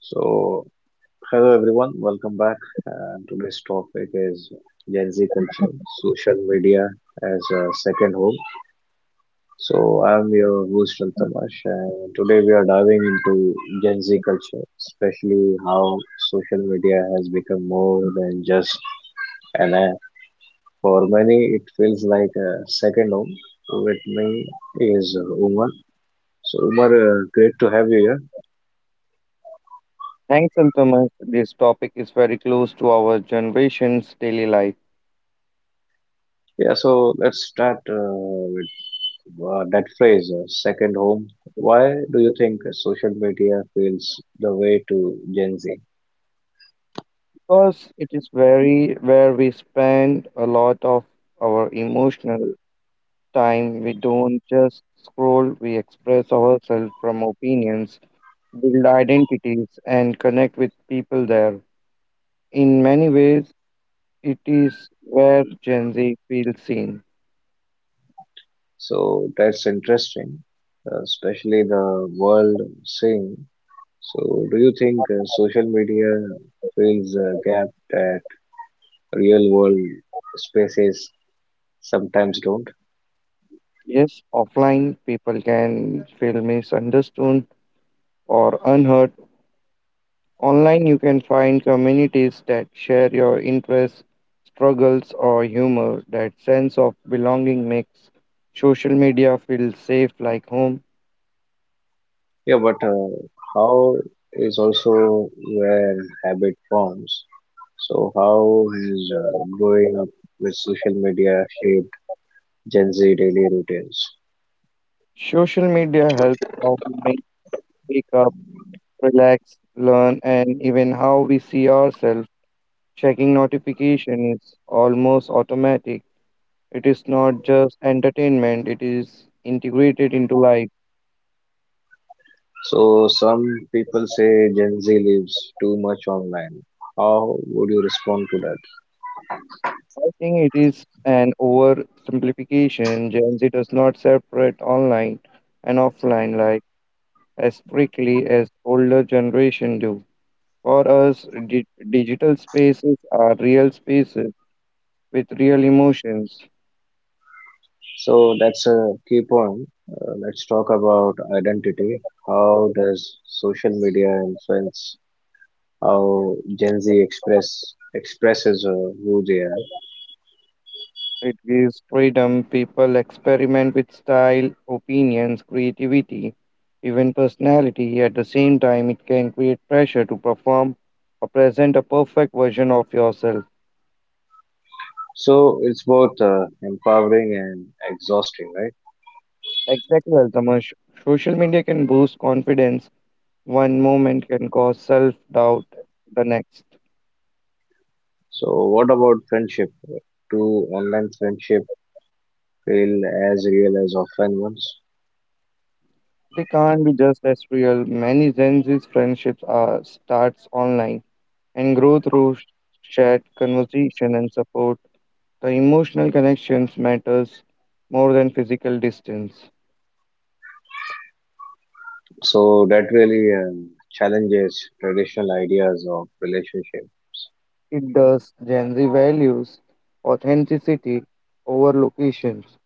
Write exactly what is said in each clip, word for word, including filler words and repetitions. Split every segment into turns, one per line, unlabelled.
So, hello everyone, welcome back. And today's topic is Gen Z culture, social media as a second home. So, I'm your host Altamash, and today we are diving into Gen Z culture, especially how social media has become more than just an app. For many, it feels like a second home. So, with me is Umar. So, Umar, uh, great to have you here.
Thanks, Altuma. This topic is very close to our generation's daily life
Yeah, so let's start uh, wow, that phrase, uh, second home. Why do you think social media feels the way to Gen Z?
because it is very where we spend a lot of our emotional time. We don't just scroll, we express ourselves from opinions, build identities, and connect with people there. In many ways, it is where Gen Z feels seen.
So that's interesting, uh, especially the world scene. So do you think uh, social media fills a gap that real world spaces sometimes don't?
Yes, offline people can feel misunderstood or unheard. Online, you can find communities that share your interests, struggles, or humor. That sense of belonging makes social media feel safe like home.
Yeah, but uh, how is also where habit forms. So how has uh, growing up with social media shaped Gen Z daily routines.
Social media helps how we make- wake up, relax, learn, and even how we see ourselves. Checking notification is almost automatic. It is not just entertainment, it is integrated into life.
So some people say Gen Z lives too much online. How would you respond to that?
I think it is an oversimplification. Gen Z does not separate online and offline like as strictly as older generation do. For us, di- digital spaces are real spaces with real emotions.
So that's a key point. Uh, let's talk about identity. How does social media influence how Gen Z express expresses uh, who they are?
It gives freedom. People experiment with style, opinions, creativity, even personality. At the same time, it can create pressure to perform or present a perfect version of yourself.
So it's both uh, empowering and exhausting, right?
Exactly, Altamash. Social media can boost confidence. One moment can cause self doubt the next.
So what about friendship? Do online friendship feel as real as offline ones?
They can't be just as real. Many Gen Z's friendships are starts online and grow through sh- chat, conversation, and support. The emotional connections matters more than physical distance.
So that really um, challenges traditional ideas of relationship.
It does. Gen Z values authenticity over locations.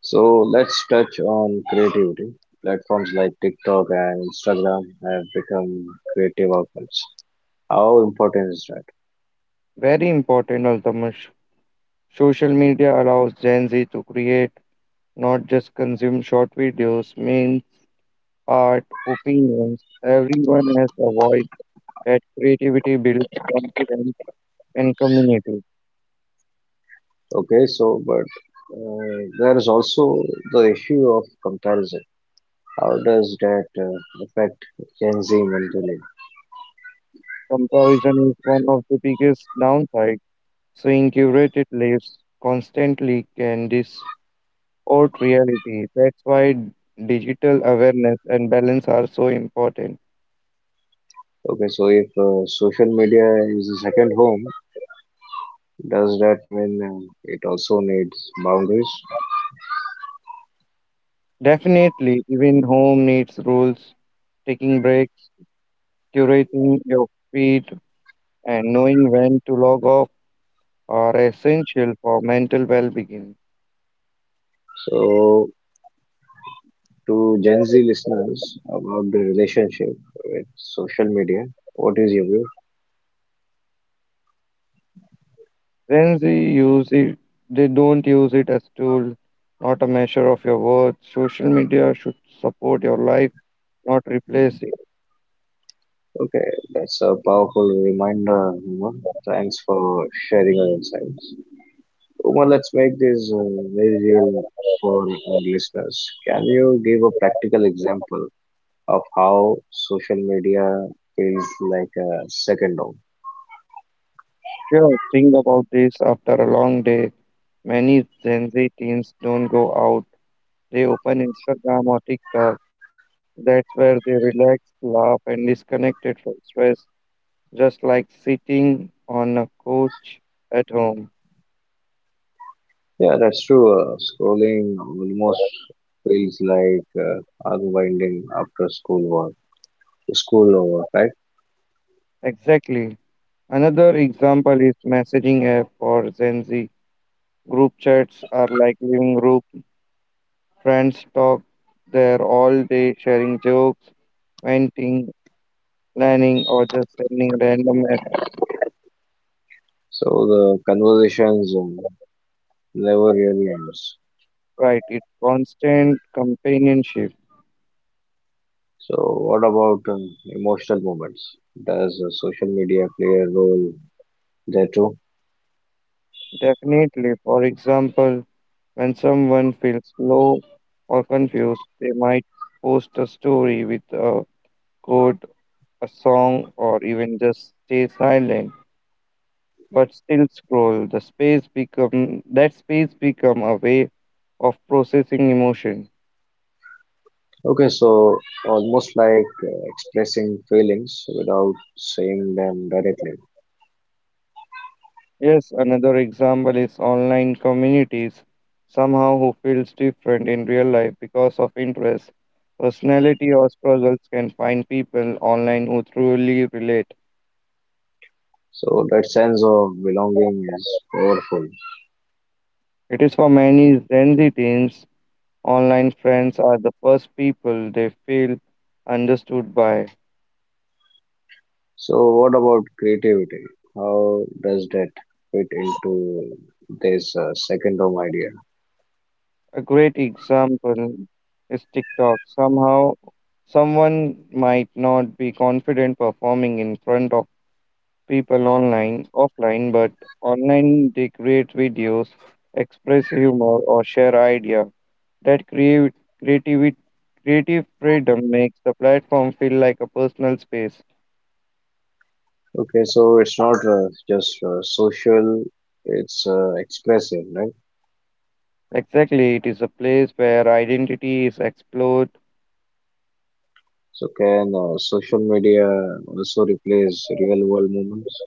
So let's touch on creativity. Platforms like TikTok and Instagram have become creative outlets. How important is that?
Very important, Altamash. Social media allows Gen Z to create not just consume short videos, memes, art, opinions. Everyone has a voice that creativity builds confidence and community.
Okay, so but uh, there is also the issue of comparison. How does that uh, affect Gen Z mentally?
Comparison is one of the biggest downsides. Seeing curated lives constantly can distort reality. That's why digital awareness and balance are so important.
Okay, so if uh, social media is a second home, does that mean uh, it also needs boundaries?
Definitely, even home needs rules, taking breaks, curating your feed, and knowing when to log off are essential for mental well-being.
So to Gen Z listeners about the relationship with social media. What is your view?
Gen Z use it, they don't use it as tool, not a measure of your worth. Social media should support your life, not replace it.
Okay, that's a powerful reminder, Uma. Thanks for sharing your insights. Uma, let's make this uh, very real for our listeners. Can you give a practical example of how social media feels like a second home?
Sure, think about this after a long day. Many Gen Z teens don't go out. They open Instagram or TikTok. That's where they relax, laugh, and disconnected from stress, just like sitting on a couch at home.
Yeah, that's true. Uh, scrolling almost feels like uh, unwinding after school work, school work, right?
Exactly. Another example is messaging app for Gen Z. Group chats are like living room. Friends talk there all day, sharing jokes, venting, planning, or just sending random messages.
So the conversations um, never really ends.
Right, it's constant companionship.
So what about um, emotional moments? Does uh, social media play a role there too?
Definitely, for example, when someone feels low or confused, they might post a story with a quote, a song, or even just stay silent, but still scroll. The space become that space become a way of processing emotion.
Okay, so almost like uh, expressing feelings without saying them directly.
Yes, another example is online communities. Somehow who feels different in real life because of interest, personality or struggles can find people online who truly relate.
So that sense of belonging is powerful.
It is for many Gen Z teens, online friends are the first people they feel understood by.
So what about creativity? How does that fit into this uh, second home idea?
A great example is TikTok. Somehow, someone might not be confident performing in front of people online, offline, but online they create videos, express humor, or share idea. That create creativity. Creative freedom makes the platform feel like a personal space.
Okay, so it's not uh, just uh, social, it's uh, expressive, right?
Exactly, it is a place where identity is explored.
So can uh, social media also replace real world moments?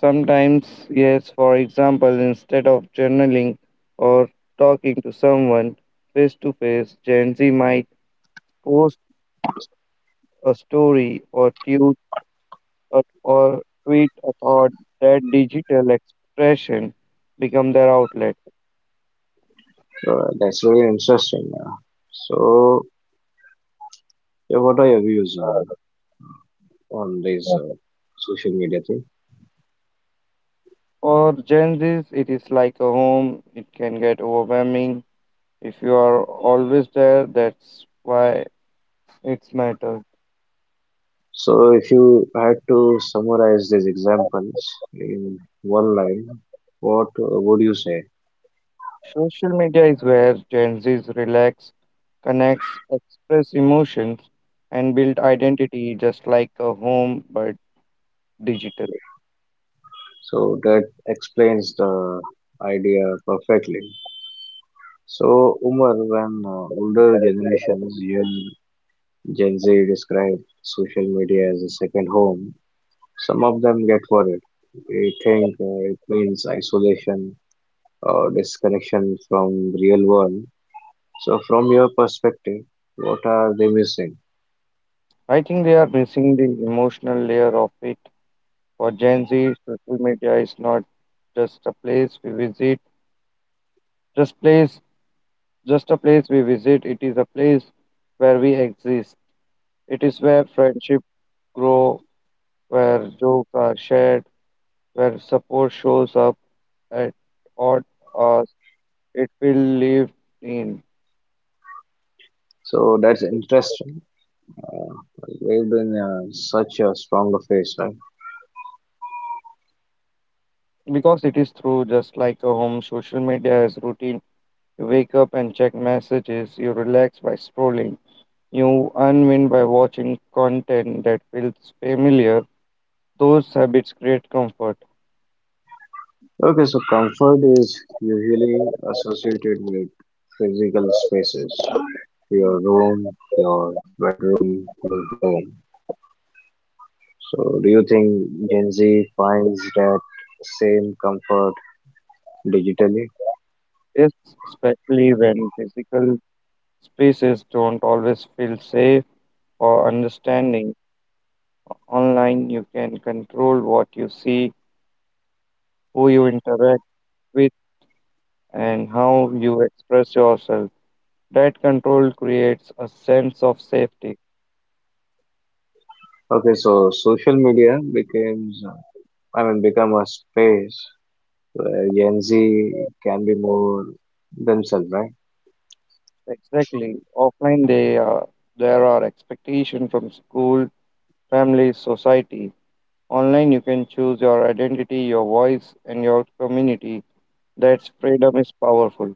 Sometimes, yes, for example, instead of journaling or talking to someone face to face, Gen Z might post a story or tweet or, or tweet a thought that digital expression become their outlet.
Uh, that's really interesting. Uh, so yeah, what are your views uh, on this uh, social media thing?
For Gen Zs, it is like a home. It can get overwhelming. If you are always there, that's why it's matters.
So if you had to summarize these examples in one line, what uh, would you say?
Social media is where Gen Zs relax, connects, express emotions, and build identity just like a home but digital.
So that explains the idea perfectly. So, Umar, when uh, older generations, even Gen Z, describe social media as a second home, some of them get worried. They think uh, it means isolation or disconnection from real world. So, from your perspective, what are they missing?
I think they are missing the emotional layer of it. For Gen Z, social media is not just a place we visit, just place just a place we visit, it is a place where we exist. It is where friendship grow, where jokes are shared, where support shows up at odd. It will live in
So that's interesting. We've been uh, such a stronger face, right?
because it is through just like a home, social media is routine. You wake up and check messages, you relax by scrolling, you unwind by watching content that feels familiar. Those habits create comfort.
Okay, so comfort is usually associated with physical spaces, your room, your bedroom, your home. So, do you think Gen Z finds that same comfort digitally?
Yes, especially when physical spaces don't always feel safe or understanding. Online, you can control what you see, who you interact with, and how you express yourself. That control creates a sense of safety.
Okay, so social media becomes, I mean, become a space where Gen Z can be more themselves, right?
Exactly. Offline, they are, there are expectations from school, family, society. Online, you can choose your identity, your voice, and your community. That's freedom is powerful.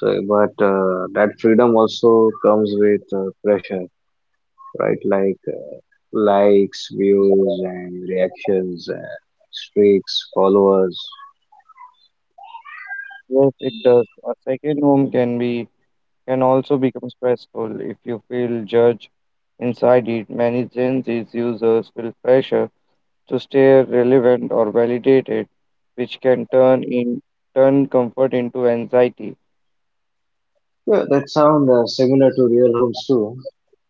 So, but uh, that freedom also comes with uh, pressure, right? Like likes, views, and reactions, uh, streaks, followers.
Yes, it does. A second home can be can also become stressful if you feel judged inside it. Many Gen Z users feel pressure to stay relevant or validated, which can turn in turn comfort into anxiety.
Yeah, that sound uh, similar to real rooms too.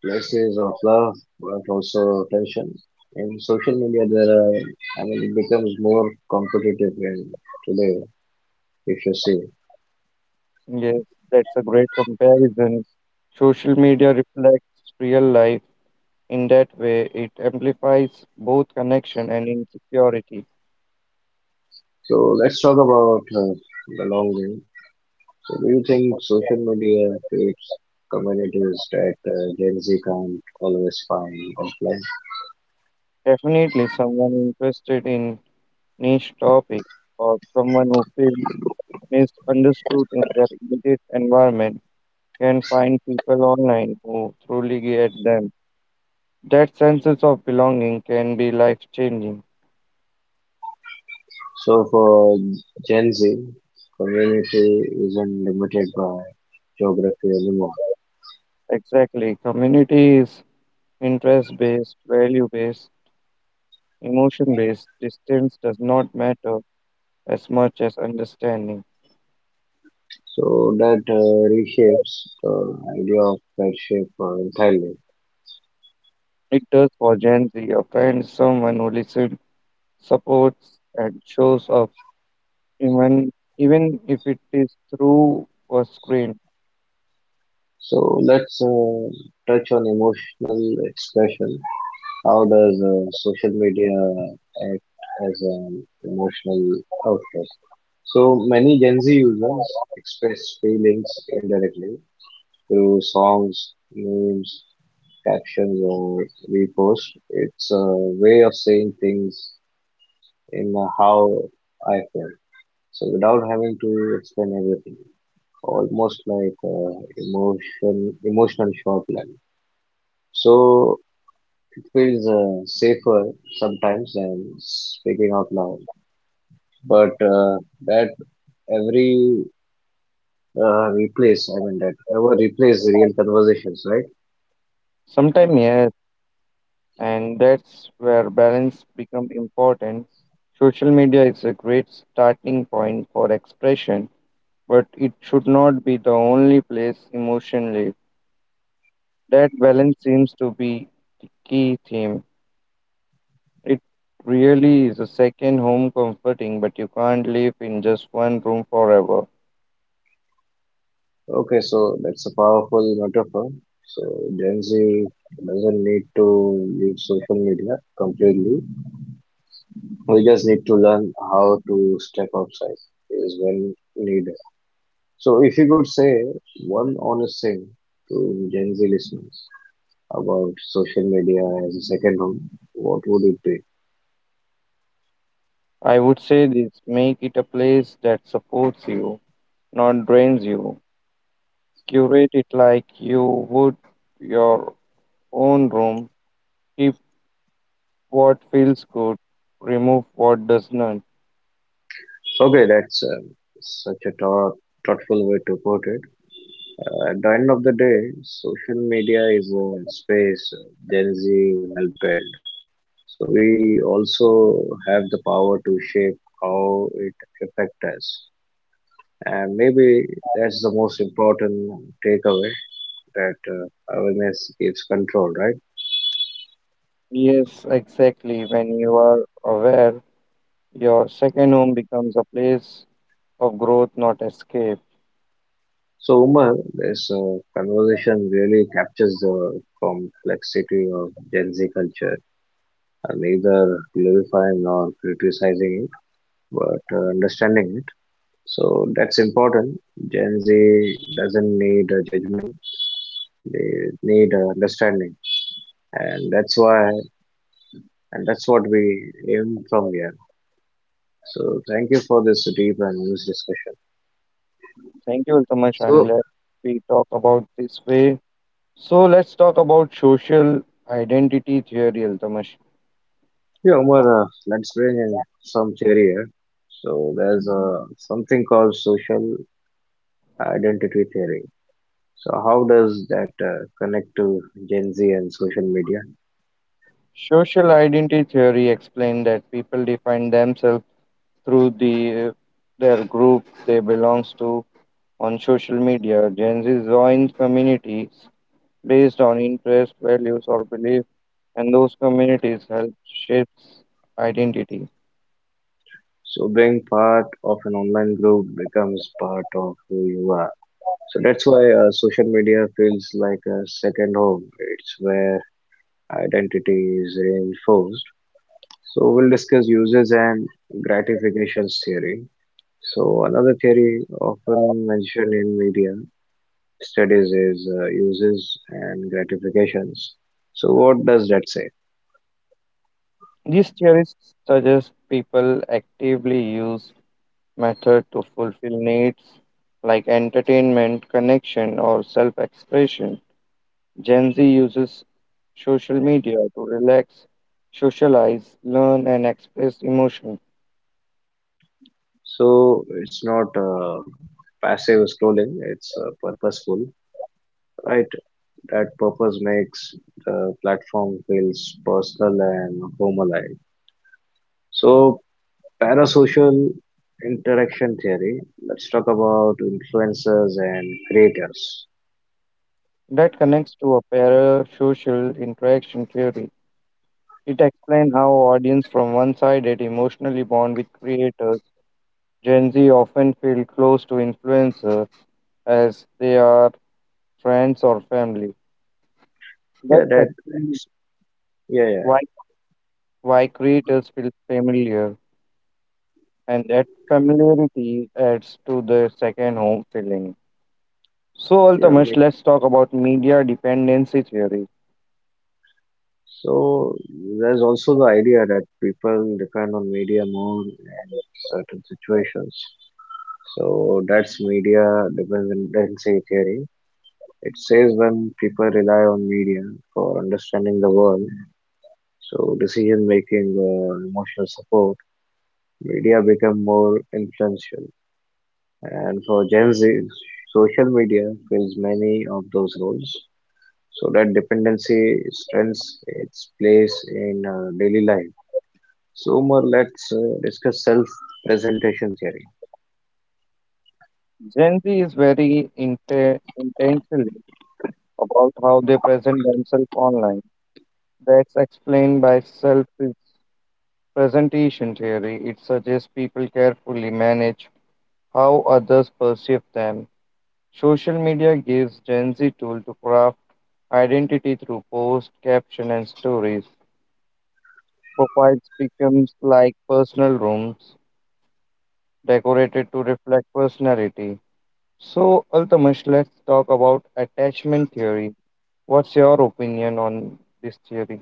Places of love, but also tension. In social media, there are, I mean, it becomes more competitive in today, if you see.
Yes, that's a great comparison. Social media reflects real life in that way. It amplifies both connection and insecurity.
So let's talk about uh, belonging. So do you think social media creates communities that uh, Gen Z can't always find offline?
Definitely, someone interested in niche topic or someone who feels misunderstood in their immediate environment can find people online who truly get them. That sense of belonging can be life changing.
So for Gen Z, community isn't limited by geography anymore.
Exactly. Community is interest based, value based, emotion based. Distance does not matter as much as understanding.
So that uh, reshapes the idea of friendship uh, entirely.
It does for Gen Z. A friend is someone who listens, supports, and shows up, even, even if it is through a screen.
So let's uh, touch on emotional expression. How does uh, social media act as an emotional outlet? So many Gen Z users express feelings indirectly through songs, memes, captions or repost. It's a way of saying things in a how I feel. So without having to explain everything, almost like uh, emotion, emotional short line. So it feels uh, safer sometimes than speaking out loud. But uh, that every uh, replace, I mean that ever replace real conversations, right?
Sometimes, yes, and that's where balance becomes important. Social media is a great starting point for expression but it should not be the only place emotion lives. That balance seems to be the key theme. It really is a second home comforting, but you can't live in just one room forever.
Okay, so that's a powerful metaphor. So Gen Z doesn't need to leave social media completely. We just need to learn how to step outside is when needed. So if you could say one honest thing to Gen Z listeners about social media as a second home, what would it be?
I would say this, make it a place that supports you, not drains you. Curate it like you would your own room. Keep what feels good, remove what does not.
Okay, that's um, such a thought, thoughtful way to put it. Uh, at the end of the day, social media is a space uh, Gen Z help build. So we also have the power to shape how it affects us. And maybe that's the most important takeaway that uh, awareness gives control, right?
Yes, exactly. When you are aware, your second home becomes a place of growth, not escape.
So, Umar, this uh, conversation really captures the complexity of Gen Z culture, uh, neither glorifying nor criticizing it, but uh, understanding it. So, that's important. Gen Z doesn't need a judgment, they need uh, understanding. and that's why and that's what we aim from here. So thank you for this deep and honest discussion.
Thank you so much. I'm
So
glad we talk about this way. So let's talk about social identity theory, Altamash.
yeah, Umar, uh, let's bring in some theory here. So there's uh, something called social identity theory. So how does that uh, connect to Gen Z and social media?
Social identity theory explains that people define themselves through the their group they belongs to on social media. Gen Z joins communities based on interest, values, or belief, and those communities help shapes identity.
So being part of an online group becomes part of who you are. So that's why uh, social media feels like a second home. It's where identity is reinforced. So we'll discuss uses and gratifications theory. So another theory often mentioned in media studies is uh, uses and gratifications. So what does that say?
These theories suggest people actively use method to fulfill needs like entertainment, connection, or self expression. Gen Z uses social media to relax, socialize, learn, and express emotion.
So it's not uh, passive scrolling; it's uh, purposeful, right? That purpose makes the platform feels personal and home alive. So parasocial interaction theory. Let's talk about influencers and creators.
That connects to a parasocial interaction theory. It explains how audience from one sided emotionally bond with creators. Gen Z often feel close to influencers as they are friends or family.
Yeah,
That's
that,
actually
yeah, yeah,
why, why creators feel familiar, and that familiarity adds to the second home feeling. So,
yeah. me-
Altamash, let's talk about media dependency theory.
So there's also the idea that people depend on media more in certain situations. So that's media dependency theory. It says when people rely on media for understanding the world, so decision making or emotional support, media become more influential. And for Gen Z, social media fills many of those roles. So that dependency strengths its place in uh, daily life. So more let's uh, discuss self-presentation theory.
Gen Z is very inter intentional about how they present themselves online. That's explained by self presentation theory. It suggests people carefully manage how others perceive them. Social media gives Gen Z tool to craft identity through post, caption, and stories. Profiles becomes like personal rooms decorated to reflect personality. So, Altamish, let's talk about attachment theory. What's your opinion on this theory?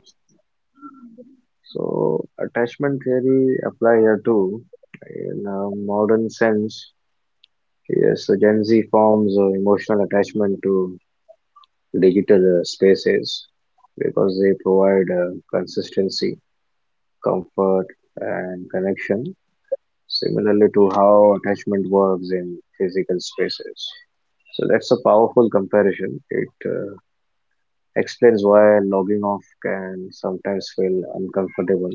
So attachment theory apply here too. In a modern sense, yes, so Gen Z forms uh, emotional attachment to digital uh, spaces because they provide uh, consistency, comfort, and connection similarly to how attachment works in physical spaces. So that's a powerful comparison. It uh, explains why logging off can sometimes feel uncomfortable.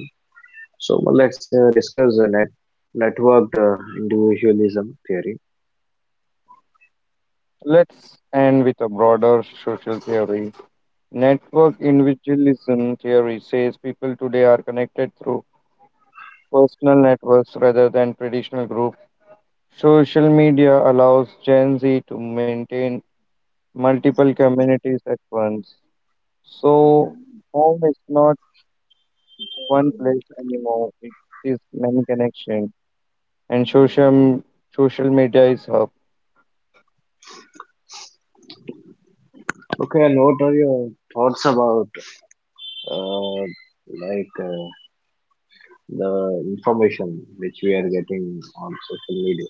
So well, let's uh, discuss the net networked uh, individualism theory.
Let's end with a broader social theory. Network individualism theory says people today are connected through personal networks rather than traditional groups. Social media allows Gen Z to maintain multiple communities at once. So home is not one place anymore. It is many connections, and social social media is hub.
Okay, and what are your thoughts about uh, like uh, the information which we are getting on social media,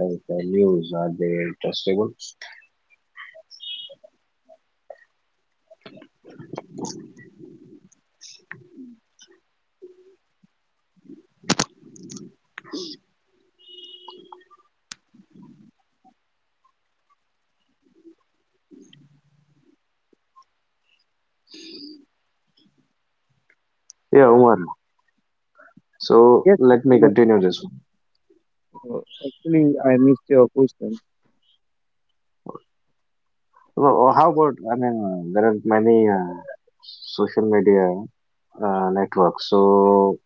like uh, news? Are they trustable? Yeah, Umar.
Uh,
So
yes,
let
Mr.
me
Mo-
continue this.
uh, actually, I missed your question.
Well, uh, how about, I mean, uh, there are many uh, social media uh, networks. So,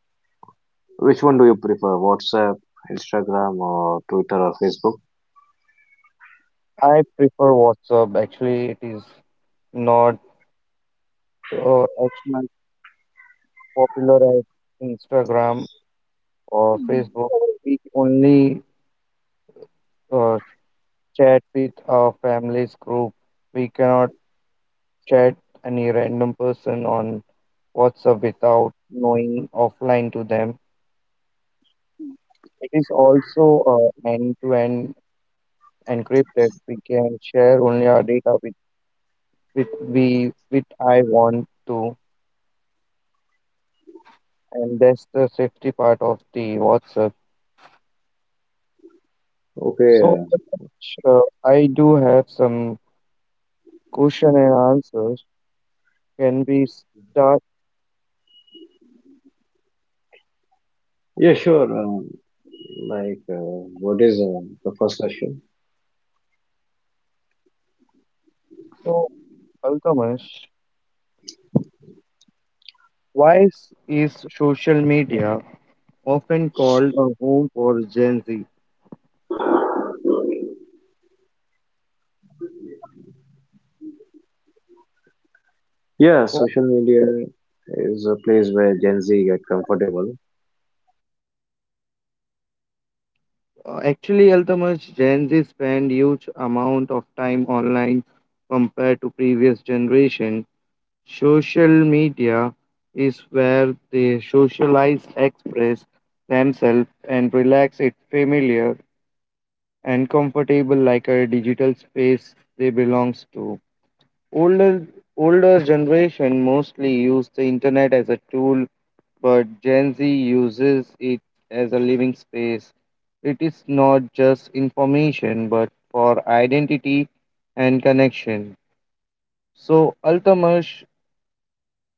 which one do you prefer? WhatsApp, Instagram, or Twitter or Facebook?
I prefer WhatsApp. Actually, it is not uh, as much popular as Instagram or Facebook. We only uh, chat with our family's group. We cannot chat any random person on WhatsApp without knowing offline to them. It is also uh, end-to-end encrypted. We can share only our data with with we with I want to, and that's the safety part of the WhatsApp. So
Okay. Uh,
sure. I do have some question and answers. Can we start?
yeah, sure. Um, like, uh, what is uh, the first question?
So, Alchemist, why is is social media often called a home for Gen Z?
Yeah, social media is a place where Gen Z get comfortable.
Uh, actually, Altamas, Gen Z spend huge amount of time online compared to previous generation. Social media is where they socialize, express themselves, and relax. It familiar and comfortable like a digital space they belongs to. Older older generation mostly use the internet as a tool but Gen Z uses it as a living space. It is not just information, but for identity and connection. So, ultimately,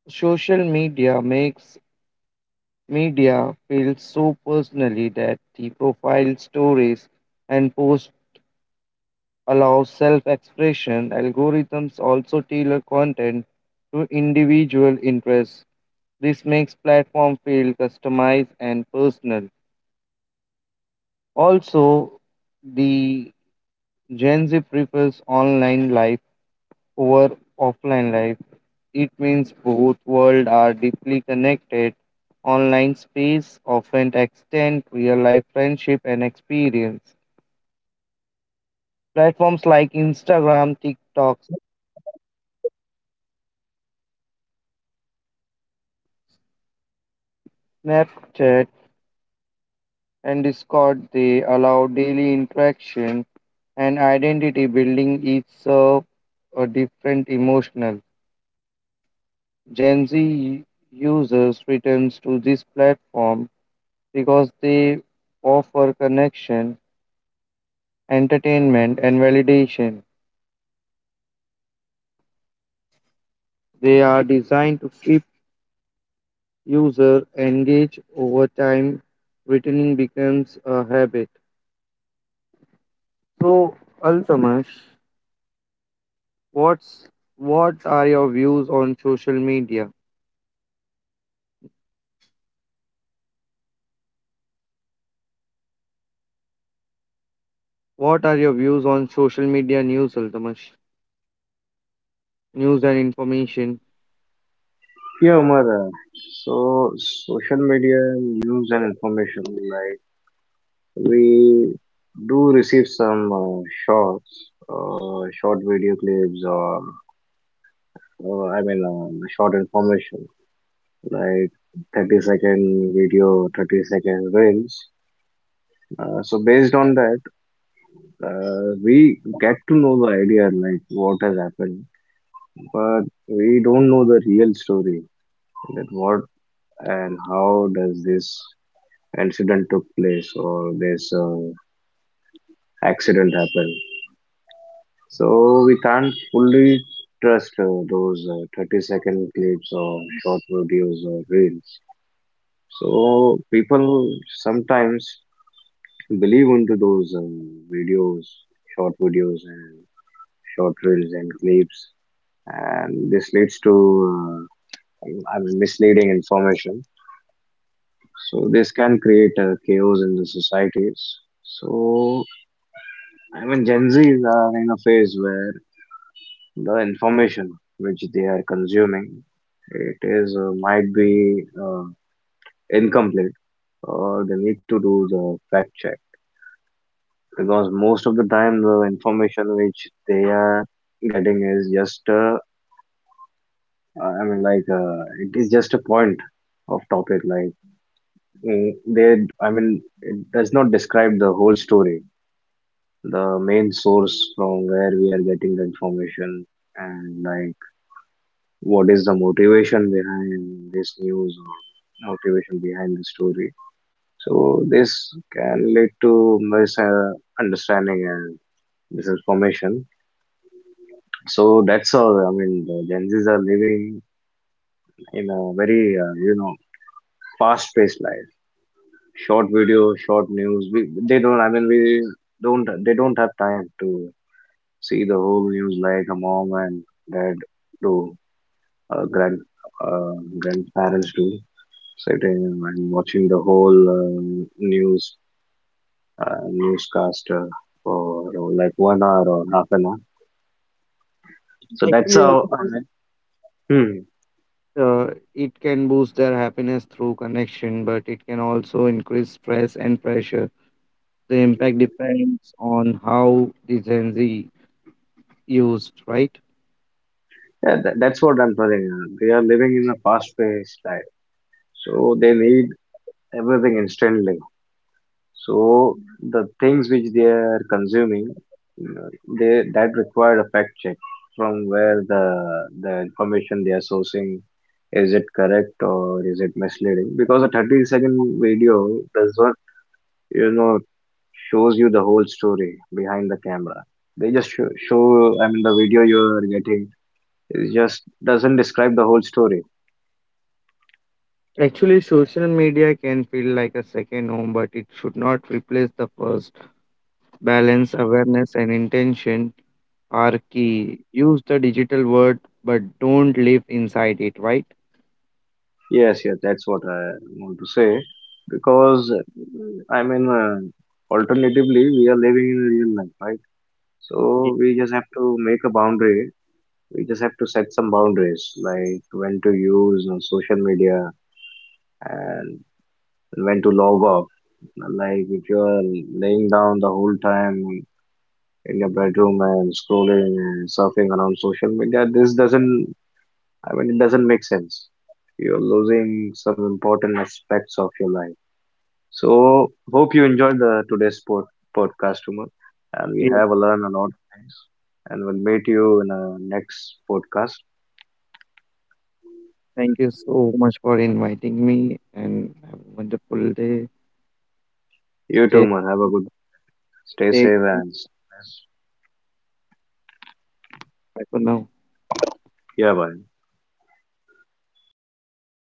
social media makes media feel so personally that the profile stories and posts allow self-expression. Algorithms also tailor content to individual interests. This makes platform feel customized and personal. Also, the Gen Z prefers online life over offline life. It means both worlds are deeply connected. Online space often extend real life friendship and experience. Platforms like Instagram, TikTok, Snapchat, and Discord they allow daily interaction and identity building each serve a different emotional Gen Z users returns to this platform because they offer connection, entertainment, and validation. They are designed to keep user engaged over time. Returning becomes a habit. So, Altamash, what's what are your views on social media? What are your views on social media news, Altamash? News and information.
Yeah, Umar. Uh, so, social media, news and information, like. We do receive some uh, shorts, uh, short video clips, or uh, I mean, uh, short information like thirty second video, thirty second reels. Uh, so based on that, uh, we get to know the idea like what has happened, but we don't know the real story that what and how does this incident took place or this uh, accident happened. So we can't fully trust uh, those uh, thirty second clips or short videos or reels. So people sometimes believe into those um, videos, short videos and short reels and clips, and this leads to uh, I mean, misleading information. So this can create uh, chaos in the societies. So I mean, Gen Zs are in a phase where the information which they are consuming it is uh, might be uh, incomplete or they need to do the fact check because most of the time the information which they are getting is just uh, i mean like uh, it is just a point of topic like mm, they I mean it does not describe the whole story the main source from where we are getting the information and like what is the motivation behind this news or motivation behind the story. So this can lead to misunderstanding and misinformation. So that's all. I mean, the Gen Zs are living in a very, uh, you know, fast-paced life. Short video, short news. We, they don't. I mean, we don't. They don't have time to see the whole news like a mom and dad do, uh, grand, uh, grandparents do. Sitting and watching the whole uh, news uh, newscast uh, for uh, like one hour or half an hour. So that's
Actually,
how I mean, hmm,
uh, it can boost their happiness through connection, but it can also increase stress and pressure. The impact depends on how the Gen Z used, right?
yeah, tha that's what I'm telling you. They are living in a fast-paced life, so they need everything instantly. So the things which they are consuming, uh, they that required a fact check from where the the information they are sourcing is it correct or is it misleading because a thirty second video does not you know shows you the whole story behind the camera they just show, show i mean the video you're getting it just doesn't describe the whole story.
Actually, social media can feel like a second home, but it should not replace the first. Balance, awareness, and intention are key. Use the digital world, but don't live inside it, right?
Yes, yes, that's what I want to say because I mean uh, alternatively we are living in real life, right?
Ye-
So we just have to make a boundary. We just have to set some boundaries like when to use uh, social media and when to log off. Like if you are laying down the whole time in your bedroom and scrolling and surfing around social media. This doesn't, I mean, it doesn't make sense. You're losing some important aspects of your life. So, hope you enjoyed the today's pod, podcast, Umar, and we
ye-
have learned a lot of things. And we'll meet you in our next podcast.
Thank you so much for inviting me and have a wonderful day.
You too,
Stay,
Umar. Have a good, stay
stay.
safe and
Bye for now.
yeah, bye.